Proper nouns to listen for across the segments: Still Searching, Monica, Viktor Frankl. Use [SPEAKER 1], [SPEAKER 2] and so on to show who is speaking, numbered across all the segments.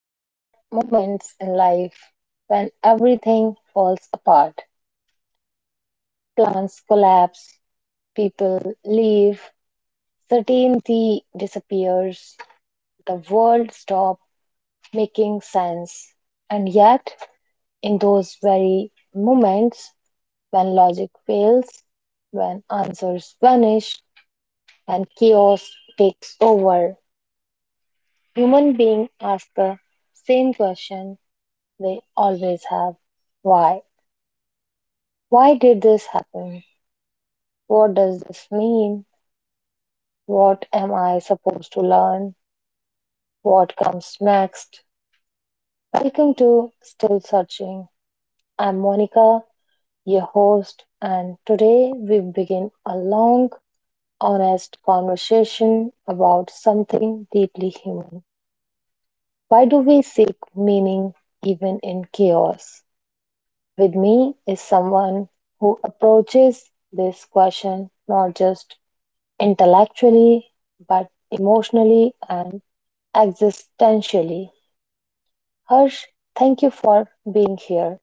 [SPEAKER 1] There are moments in life when everything falls apart. Plans collapse, people leave, certainty disappears, the world stops making sense. And yet, in those very moments when logic fails, when answers vanish, and chaos takes over, human beings ask the same question they always have. Why? Why did this happen? What does this mean? What am I supposed to learn? What comes next? Welcome to Still Searching. I'm Monica, your host, and today we begin a long, honest conversation about something deeply human. Why do we seek meaning even in chaos? With me is someone who approaches this question not just intellectually, but emotionally and existentially. Harsh, thank you for being here.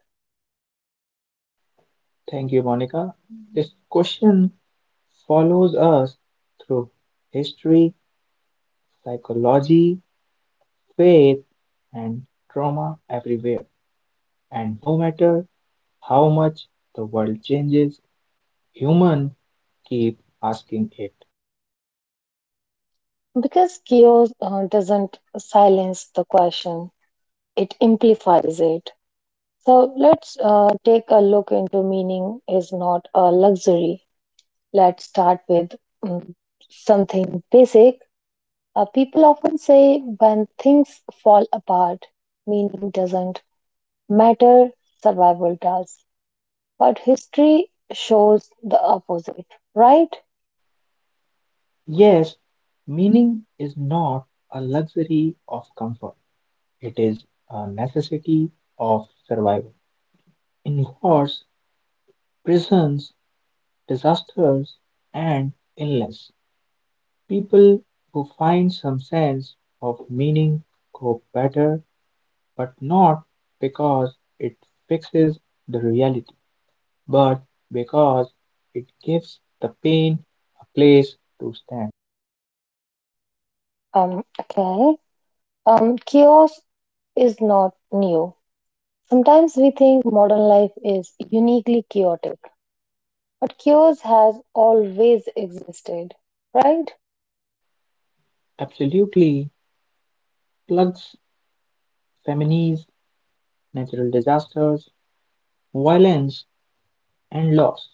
[SPEAKER 2] Thank you, Monica. This question follows us through history, psychology, faith, and trauma everywhere. And no matter how much the world changes, humans keep asking it.
[SPEAKER 1] Because chaos doesn't silence the question, it amplifies it. So let's take a look into meaning is not a luxury. Let's start with mm, something basic. People often say when things fall apart, meaning doesn't matter, survival does. But history shows the opposite, right?
[SPEAKER 2] Yes, meaning is not a luxury of comfort, it is a necessity of survival. In wars, prisons, disasters, and illness, people who find some sense of meaning cope better, but not because it fixes the reality, but because it gives the pain a place to stand.
[SPEAKER 1] Okay. Chaos is not new. Sometimes we think modern life is uniquely chaotic, but chaos has always existed, right?
[SPEAKER 2] Absolutely plugs families, natural disasters, violence, and loss.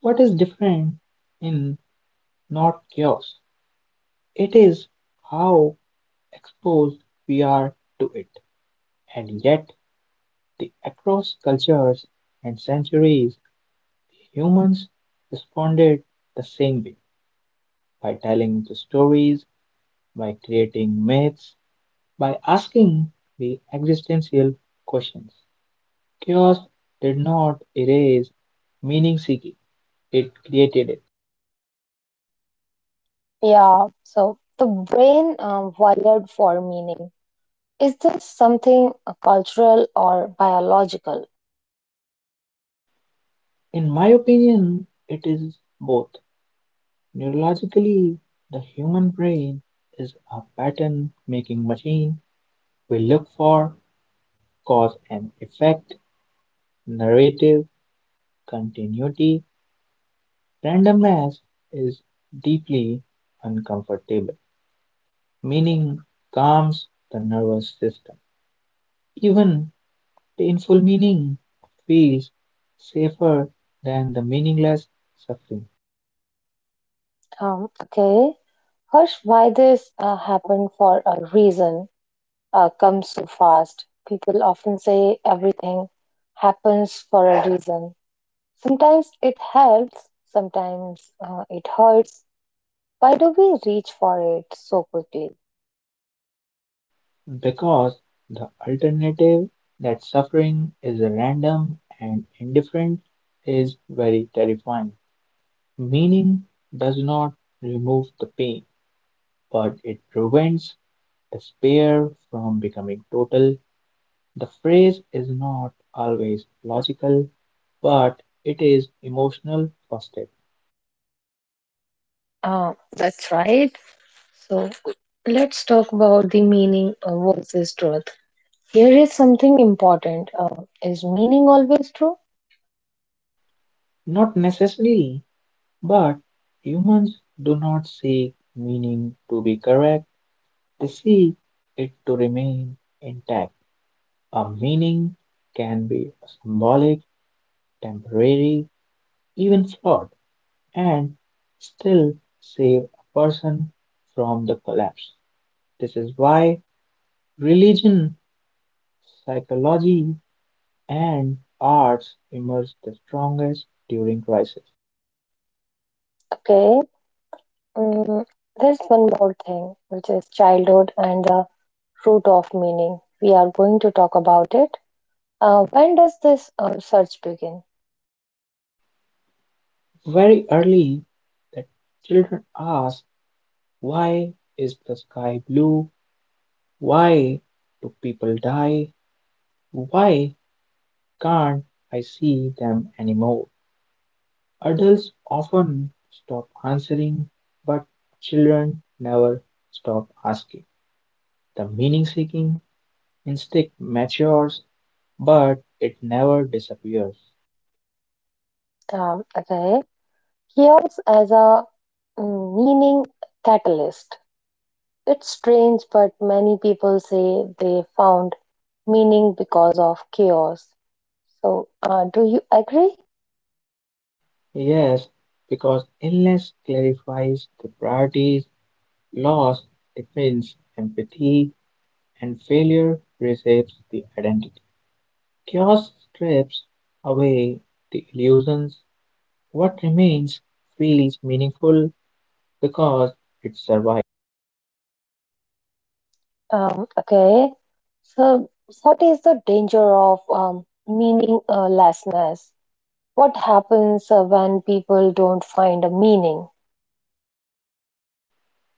[SPEAKER 2] What is different in not chaos? It is how exposed we are to it, and yet the across cultures and centuries, humans responded the same way by telling the stories, by creating myths, by asking the existential questions. Chaos did not erase meaning seeking, it created it.
[SPEAKER 1] Yeah, so the brain wired for meaning. Is this something cultural or biological?
[SPEAKER 2] In my opinion, it is both. Neurologically, the human brain is a pattern making machine. We look for cause and effect, narrative, continuity. Randomness is deeply uncomfortable, meaning calms the nervous system. Even painful meaning feels safer than the meaningless suffering
[SPEAKER 1] Okay, Harsh, why this happened for a reason? Comes so fast. People often say everything happens for a reason. Sometimes it helps, sometimes it hurts. Why do we reach for it so quickly?
[SPEAKER 2] because the alternative that suffering is random and indifferent is very terrifying. Meaning does not remove the pain, but it prevents despair from becoming total. The phrase is not always logical, but it is emotional first step.
[SPEAKER 1] That's right. So let's talk about the meaning versus truth. Here is something important. Is meaning always true?
[SPEAKER 2] Not necessarily, but humans do not seek meaning to be correct, they seek it to remain intact. A meaning can be symbolic, temporary, even flawed, and still save a person from the collapse. This is why religion, psychology, and arts emerge the strongest during crisis.
[SPEAKER 1] Okay. Mm, there's one more thing, which is childhood and the root of meaning. We are going to talk about it. When does this search begin?
[SPEAKER 2] Very early, the children ask, "Why is the sky blue? Why do people die? Why can't I see them anymore?" Adults often stop answering, but children never stop asking. The meaning seeking instinct matures, but it never disappears.
[SPEAKER 1] Okay, chaos as a meaning catalyst. It's strange, but many people say they found meaning because of chaos. So, do you agree?
[SPEAKER 2] Yes, because illness clarifies the priorities, loss defines empathy, and failure reshapes the identity. Chaos strips away the illusions. What remains feels meaningful because it survives.
[SPEAKER 1] Okay, so what is the danger of meaninglessness? What happens when people don't find a meaning?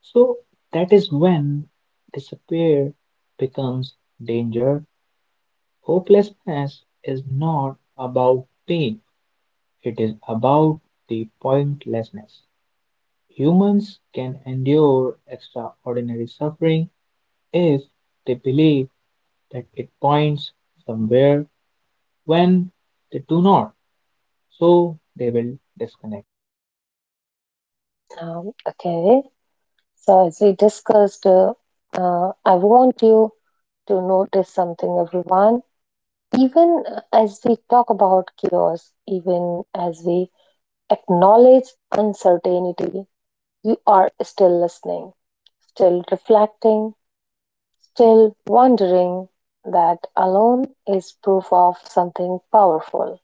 [SPEAKER 2] So that is when despair becomes danger. Hopelessness is not about pain, it is about the pointlessness. Humans can endure extraordinary suffering if they believe that it points somewhere. When they do not, so they will disconnect.
[SPEAKER 1] Okay. So, as we discussed, I want you to notice something, everyone. Even as we talk about chaos, even as we acknowledge uncertainty, you are still listening, still reflecting, still wondering. That alone is proof of something powerful.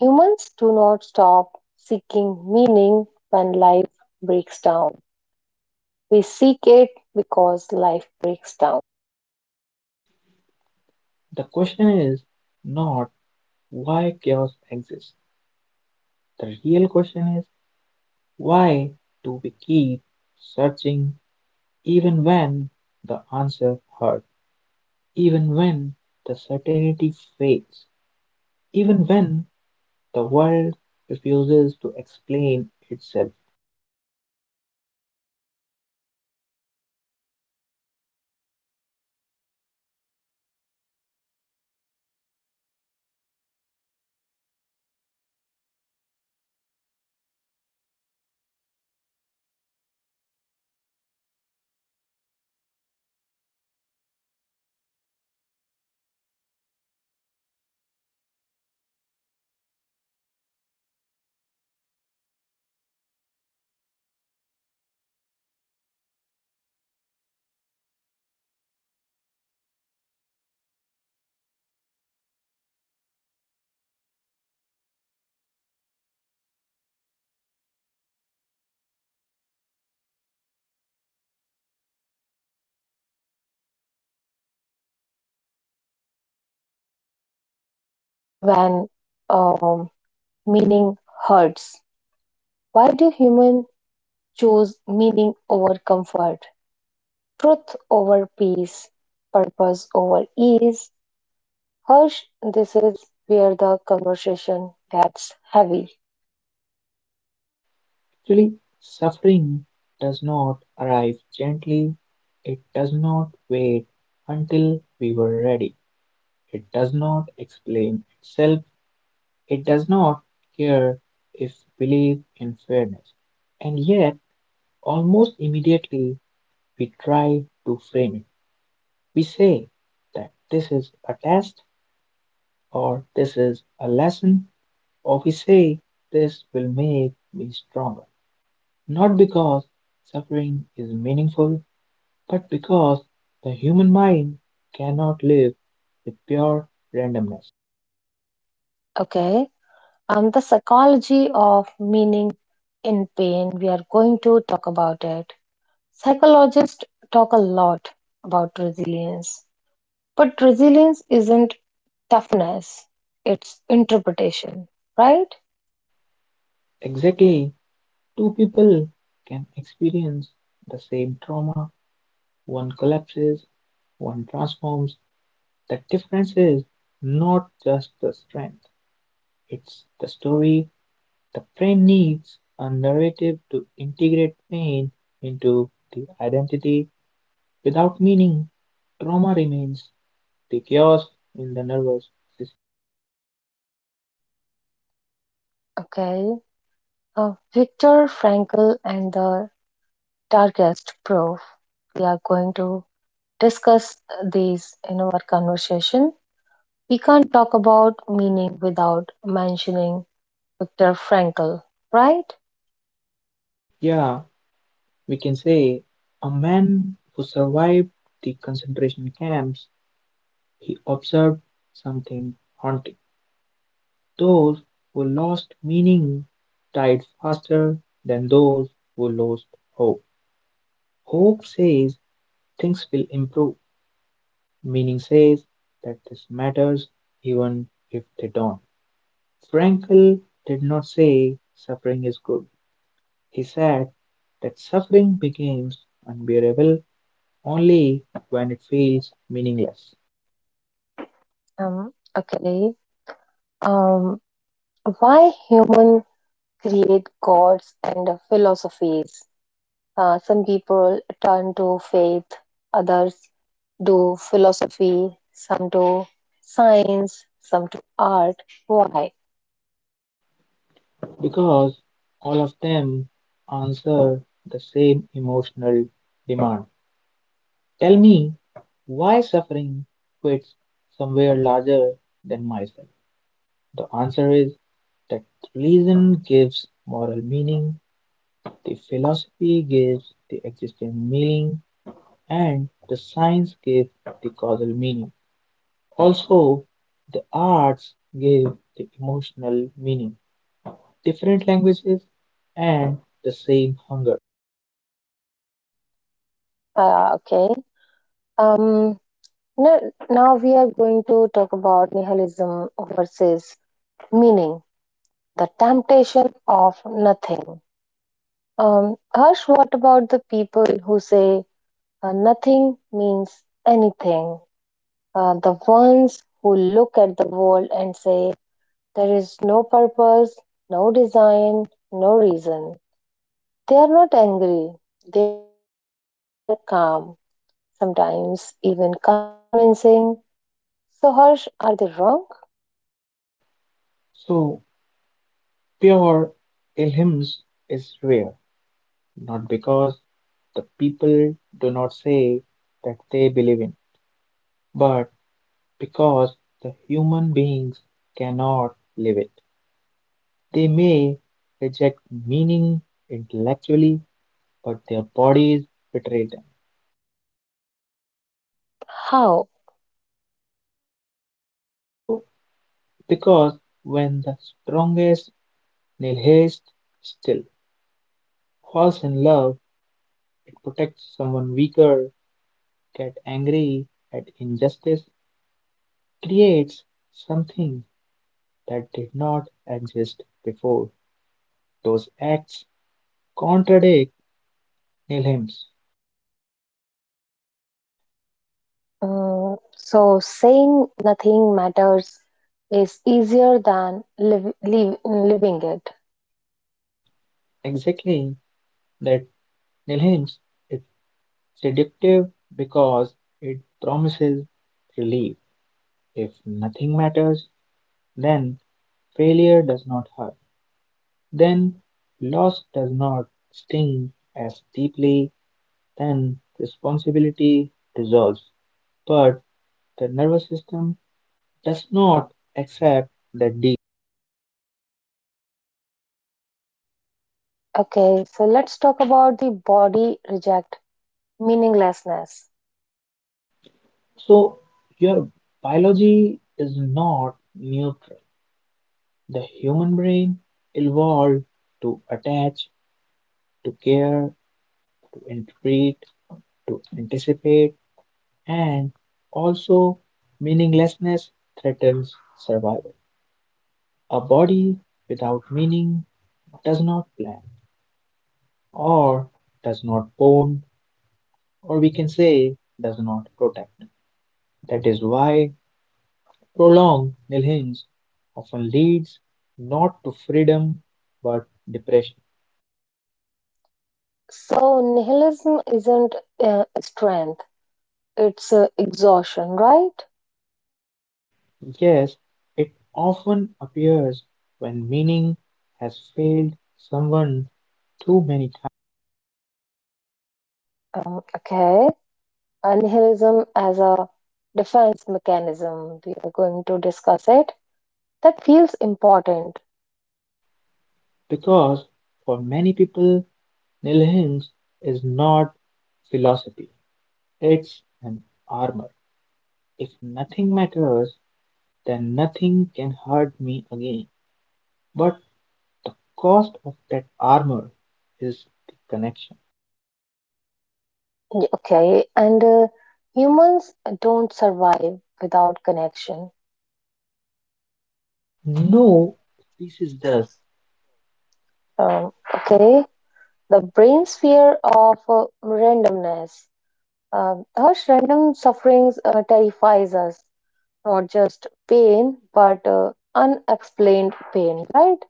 [SPEAKER 1] Humans do not stop seeking meaning when life breaks down. We seek it because life breaks down.
[SPEAKER 2] The question is not why chaos exists. The real question is, why do we keep searching even when the answer hurts, even when the certainty fades, even when the world refuses to explain itself?
[SPEAKER 1] When um, meaning hurts. Why do humans choose meaning over comfort, truth over peace, purpose over ease? Harsh, this is where the conversation gets heavy.
[SPEAKER 2] Actually, suffering does not arrive gently, it does not wait until we were ready, it does not explain itself, it does not care if we live in fairness. And yet, almost immediately, we try to frame it. We say that this is a test or this is a lesson, or we say this will make me stronger. Not because suffering is meaningful, but because the human mind cannot live with pure randomness.
[SPEAKER 1] Okay, the psychology of meaning in pain, we are going to talk about it. Psychologists talk a lot about resilience, but resilience isn't toughness, its interpretation, right?
[SPEAKER 2] Exactly, two people can experience the same trauma, one collapses, one transforms. The difference is not just the strength, it's the story. The brain needs a narrative to integrate pain into the identity. Without meaning, trauma remains the chaos in the nervous system.
[SPEAKER 1] Okay. Viktor Frankl and the darkest proof. We are going to discuss these in our conversation. We can't talk about meaning without mentioning Viktor Frankl, right?
[SPEAKER 2] Yeah, we can say a man who survived the concentration camps, he observed something haunting. Those who lost meaning died faster than those who lost hope. Hope says things will improve. Meaning says that this matters even if they don't. Frankl did not say suffering is good. He said that suffering becomes unbearable only when it feels meaningless,
[SPEAKER 1] Um, okay. Um, why human create gods and philosophies? Some people turn to faith, others do philosophy, some do science, some do art. Why?
[SPEAKER 2] because all of them answer the same emotional demand. Tell me why suffering fits somewhere larger than myself. The answer is that reason gives moral meaning, the philosophy gives the existential meaning, and the science gives the causal meaning. Also, the arts give the emotional meaning. Different languages and the same hunger.
[SPEAKER 1] Okay. Um, now, Now we are going to talk about nihilism versus meaning, the temptation of nothing. Harsh, what about the people who say nothing means anything? The ones who look at the world and say there is no purpose, no design, no reason. They are not angry, they are calm, sometimes even convincing. So, Harsh, are they wrong?
[SPEAKER 2] So, pure Ilhams is rare, not because the people do not say that they believe in, but because the human beings cannot live it. They may reject meaning intellectually, but their bodies betray them.
[SPEAKER 1] How?
[SPEAKER 2] So, because when the strongest nihilist still falls in love, it protects someone weaker, gets angry at injustice, creates something that did not exist before. Those acts contradict nihilism.
[SPEAKER 1] Mm, so, saying nothing matters is easier than living it.
[SPEAKER 2] Exactly that nihilism is seductive because it promises relief. If nothing matters, then failure does not hurt, then loss does not sting as deeply, then responsibility dissolves. But the nervous system does not accept the deal.
[SPEAKER 1] Okay, so let's talk about the body reject meaninglessness.
[SPEAKER 2] So your biology is not neutral. The human brain evolved to attach, to care, to interpret, to anticipate, and also meaninglessness threatens survival. A body without meaning does not plan, or does not bond, or we can say does not protect. That is why prolonged nilhinj often leads not to freedom but depression.
[SPEAKER 1] So, nihilism isn't strength, it's exhaustion, right?
[SPEAKER 2] Yes, it often appears when meaning has failed someone too many times.
[SPEAKER 1] Um, okay, Nihilism as a defense mechanism. We are going to discuss it. That feels important.
[SPEAKER 2] Because for many people, nilhinj is not philosophy, it's an armor. If nothing matters, then nothing can hurt me again. But the cost of that armor is the connection.
[SPEAKER 1] Okay, and humans don't survive without connection. No.
[SPEAKER 2] No, this is dust
[SPEAKER 1] Um, okay, the brain's fear of randomness. Harsh random sufferings terrifies us, not just pain, but unexplained pain, right?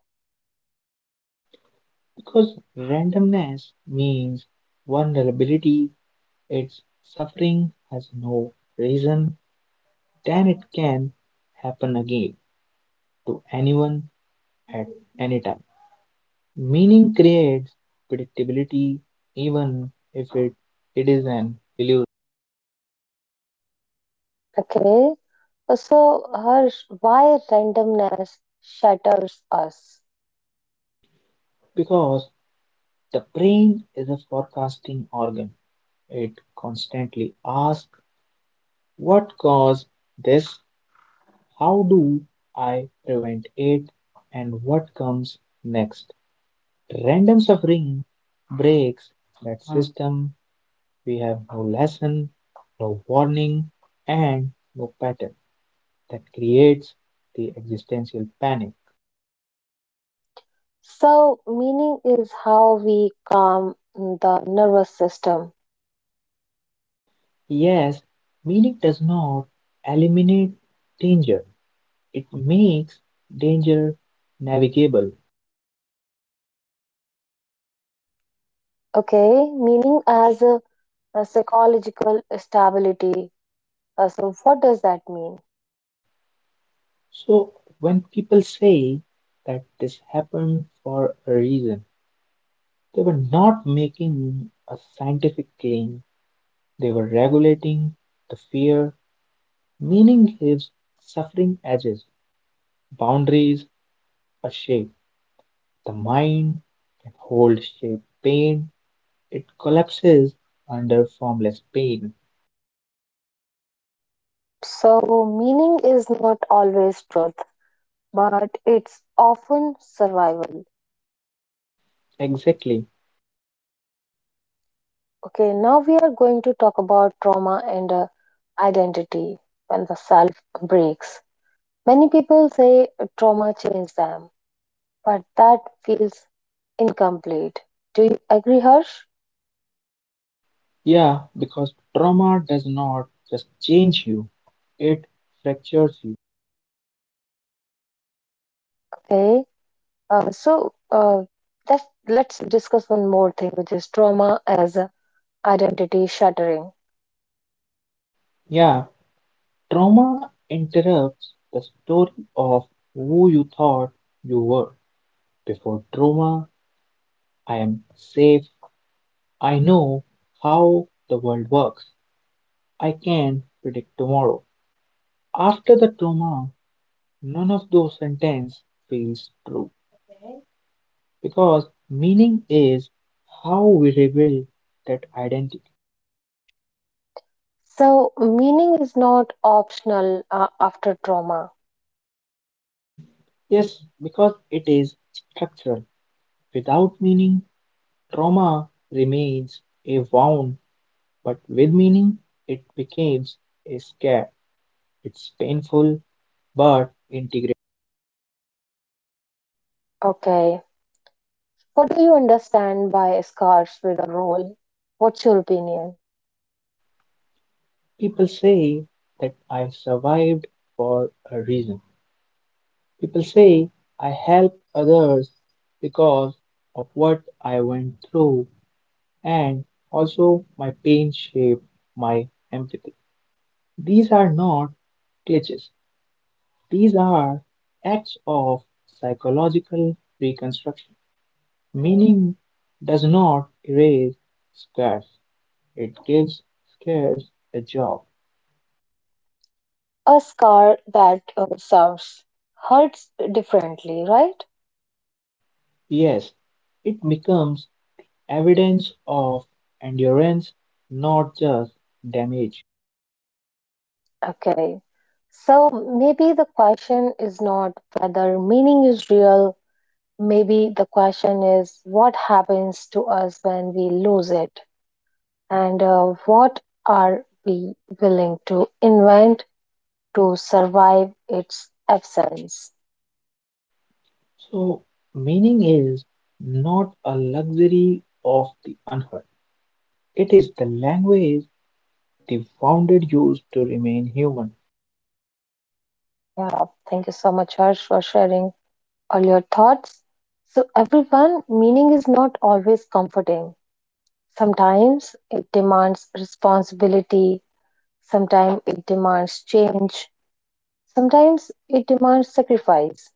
[SPEAKER 2] because randomness means vulnerability. Its suffering has no reason, then it can happen again to anyone at any time. Meaning creates predictability, even if it is an illusion,
[SPEAKER 1] Okay. So, Harsh, why randomness shatters us?
[SPEAKER 2] because the brain is a forecasting organ. It constantly asks what caused this, how do I prevent it, and what comes next? Random suffering breaks that system. We have no lesson, no warning, and no pattern that creates the existential panic.
[SPEAKER 1] So, meaning is how we calm the nervous system.
[SPEAKER 2] Yes, meaning does not eliminate danger, it makes danger navigable.
[SPEAKER 1] Okay. Meaning as a psychological stability. So, what does that mean?
[SPEAKER 2] So when people say that this happened for a reason, they were not making a scientific claim, they were regulating the fear. Meaning gives suffering edges, boundaries, a shape. The mind can hold shape pain, it collapses under formless pain.
[SPEAKER 1] So, meaning is not always truth, but it's often survival.
[SPEAKER 2] Exactly.
[SPEAKER 1] Okay. Now we are going to talk about trauma and identity when the self breaks. Many people say trauma changed them, but that feels incomplete. Do you agree, Harsh?
[SPEAKER 2] Yeah, because trauma does not just change you, it fractures you.
[SPEAKER 1] Okay. Uh, so uh, let's discuss one more thing, which is trauma as a identity shattering.
[SPEAKER 2] Yeah, trauma interrupts the story of who you thought you were. Before trauma, I am safe. I know how the world works. I can predict tomorrow. After the trauma, none of those sentences feels true because meaning is how we rebuild that identity.
[SPEAKER 1] So, meaning is not optional after trauma.
[SPEAKER 2] Yes, because it is structural. Without meaning, trauma remains a wound, but with meaning, it becomes a scare. It's painful but integrated.
[SPEAKER 1] Okay. What do you understand by scars with a role? What's your opinion?
[SPEAKER 2] People say that I survived for a reason. People say I helped others because of what I went through, and also my pain shaped my empathy. These are not glitches, these are acts of psychological reconstruction. Meaning does not erase scars, it gives scars a job.
[SPEAKER 1] A scar that serves hurts differently, right?
[SPEAKER 2] Yes, it becomes evidence of endurance, not just damage.
[SPEAKER 1] Okay. So maybe the question is not whether meaning is real. Maybe the question is what happens to us when we lose it, and what are we willing to invent to survive its absence?
[SPEAKER 2] So, meaning is not a luxury of the unheard, it is the language the wounded use to remain human.
[SPEAKER 1] Yeah. Thank you so much, Harsh, for sharing all your thoughts. So, everyone, meaning is not always comforting. Sometimes it demands responsibility. Sometimes it demands change, sometimes it demands sacrifice,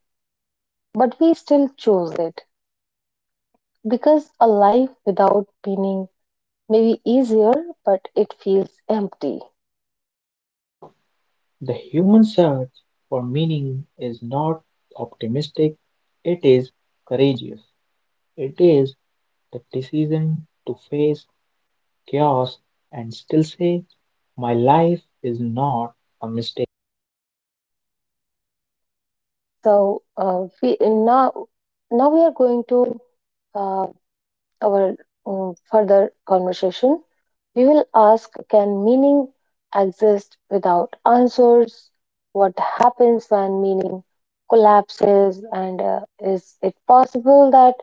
[SPEAKER 1] but we still choose it because a life without meaning may be easier, but it feels empty.
[SPEAKER 2] The human search for meaning is not optimistic, it is courageous. It is the decision to face chaos and still say, "My life is not a mistake."
[SPEAKER 1] So we now now we are going to uh, our further conversation. We will ask: can meaning exist without answers? What happens when meaning collapses, and is it possible that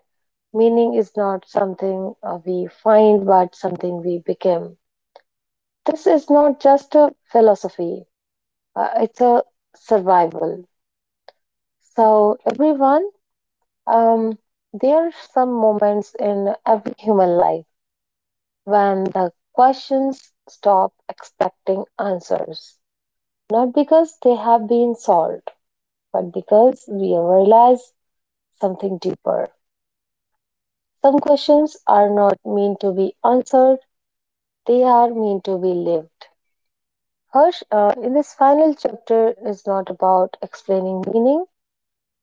[SPEAKER 1] meaning is not something we find, but something we become. This is not just a philosophy, it's a survival. So, everyone, um, there are some moments in every human life when the questions stop expecting answers. Not because they have been solved, but because we realize something deeper. Some questions are not meant to be answered, they are meant to be lived. Harsh, in this final chapter is not about explaining meaning.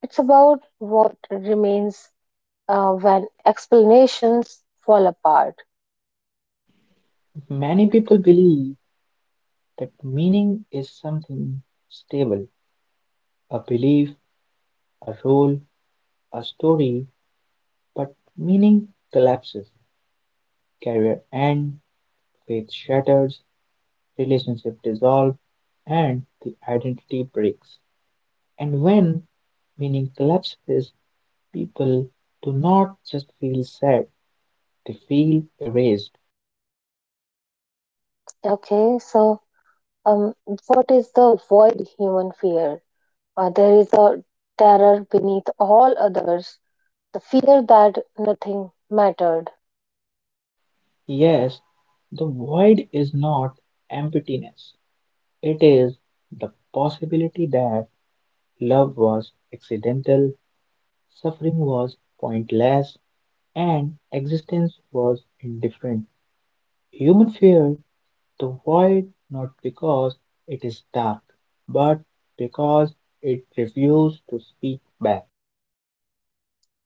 [SPEAKER 1] It's about what remains when explanations fall apart.
[SPEAKER 2] Many people believe that meaning is something stable, a belief, a role, a story, but meaning collapses, career ends, faith shatters, relationship dissolves, and the identity breaks. And when meaning collapses, people do not just feel sad, they feel erased.
[SPEAKER 1] Okay, so um, what is the void human fear? There is a terror beneath all others, the fear that nothing mattered.
[SPEAKER 2] Yes, the void is not emptiness, it is the possibility that love was accidental, suffering was pointless, and existence was indifferent. Human fear the void not because it is dark, but because it refuses to speak back.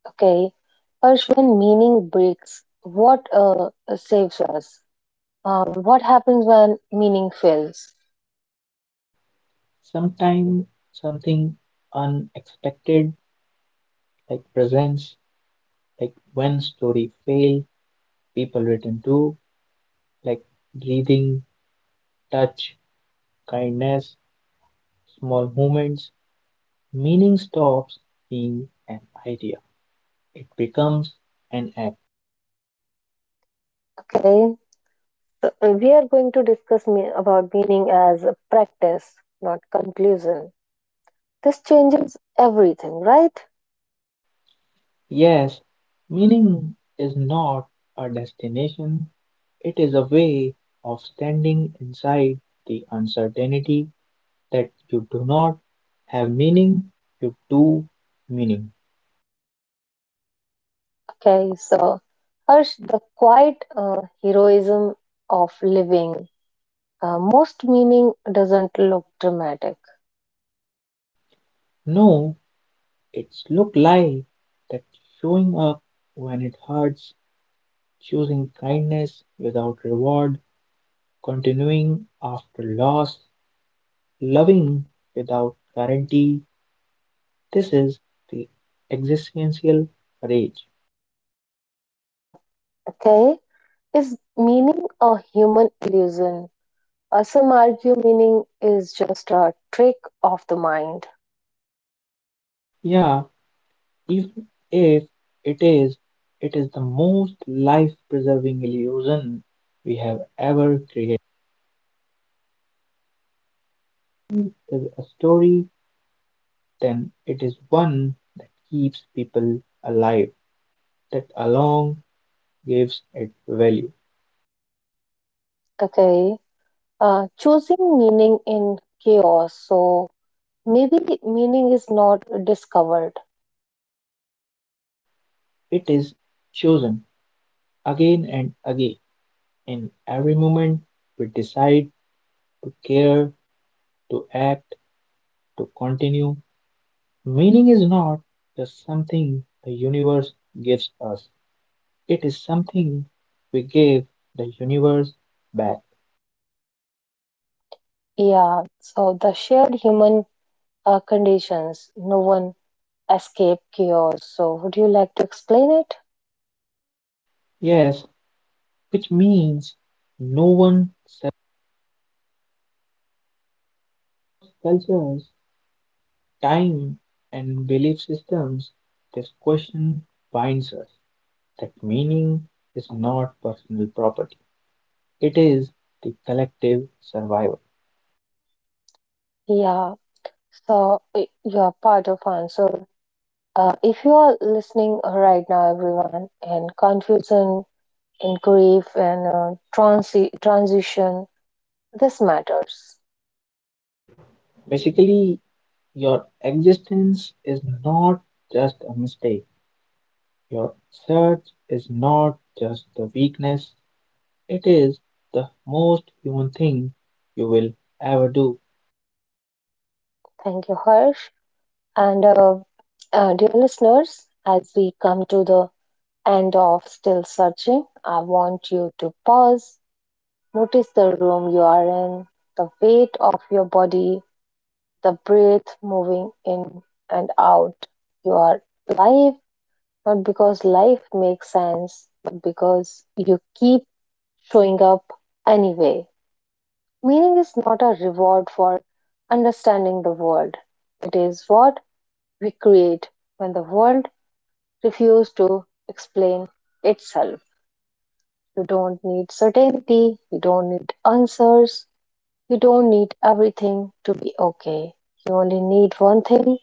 [SPEAKER 1] Okay, Harsh, when meaning breaks, what saves us? What happens when meaning fails?
[SPEAKER 2] Sometimes something unexpected, like presence, like when story fail, people return to, like breathing, touch, kindness, small moments. Meaning stops being an idea, it becomes an act.
[SPEAKER 1] Okay. So, we are going to discuss about meaning as a practice, not conclusion. This changes everything, right?
[SPEAKER 2] Yes, meaning is not a destination, it is a way of standing inside the uncertainty that you do not have meaning, you do meaning.
[SPEAKER 1] Okay, so Harsh, the quiet heroism of living. Most meaning doesn't look dramatic.
[SPEAKER 2] No, it's look like that showing up when it hurts, choosing kindness without reward, continuing after loss, loving without guarantee, this is the existential rage.
[SPEAKER 1] Okay, is meaning a human illusion? Some argue meaning is just a trick of the mind.
[SPEAKER 2] Yeah, even if it is, it is the most life preserving illusion we have ever created. It is a story, then it is one that keeps people alive, that alone gives it value.
[SPEAKER 1] Okay, choosing meaning in chaos. So maybe meaning is not discovered.
[SPEAKER 2] It is chosen again and again. In every moment, we decide to care, to act, to continue. Meaning is not just something the universe gives us, it is something we give the universe back.
[SPEAKER 1] Yeah, so the shared human conditions, no one escape chaos. So, would you like to explain it?
[SPEAKER 2] Yes, which means no one cultures, time, and belief systems. This question binds us that meaning is not personal property, it is the collective survival.
[SPEAKER 1] Yeah, so you're part of answer. If you are listening right now, everyone, in confusion, in grief, and transition, this matters.
[SPEAKER 2] Basically, your existence is not just a mistake. Your search is not just the weakness, it is the most human thing you will ever do.
[SPEAKER 1] Thank you, Harsh. And dear listeners, as we come to the and of Still Searching, I want you to pause, notice the room you are in, the weight of your body, the breath moving in and out. You are alive, not because life makes sense, but because you keep showing up anyway. Meaning is not a reward for understanding the world, it is what we create when the world refuses to explain itself. You don't need certainty, you don't need answers, you don't need everything to be okay. You only need one thing: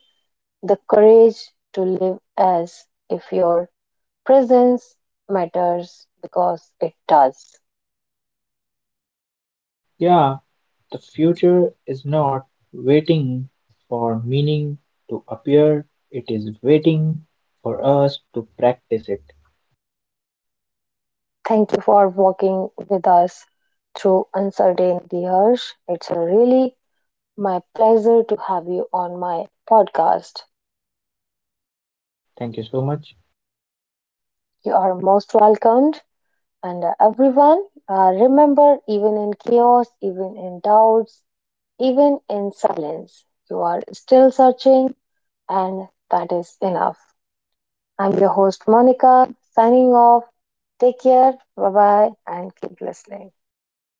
[SPEAKER 1] the courage to live as if your presence matters because it does.
[SPEAKER 2] Yeah, the future is not waiting for meaning to appear, it is waiting for us to practice it.
[SPEAKER 1] Thank you for walking with us through uncertainty, Harsh. It's a really my pleasure to have you on my podcast.
[SPEAKER 2] Thank you so much.
[SPEAKER 1] You are most welcomed. And everyone, remember, even in chaos, even in doubts, even in silence, you are still searching, and that is enough. I'm your host, Monica, signing off. Take care, bye bye, and keep listening.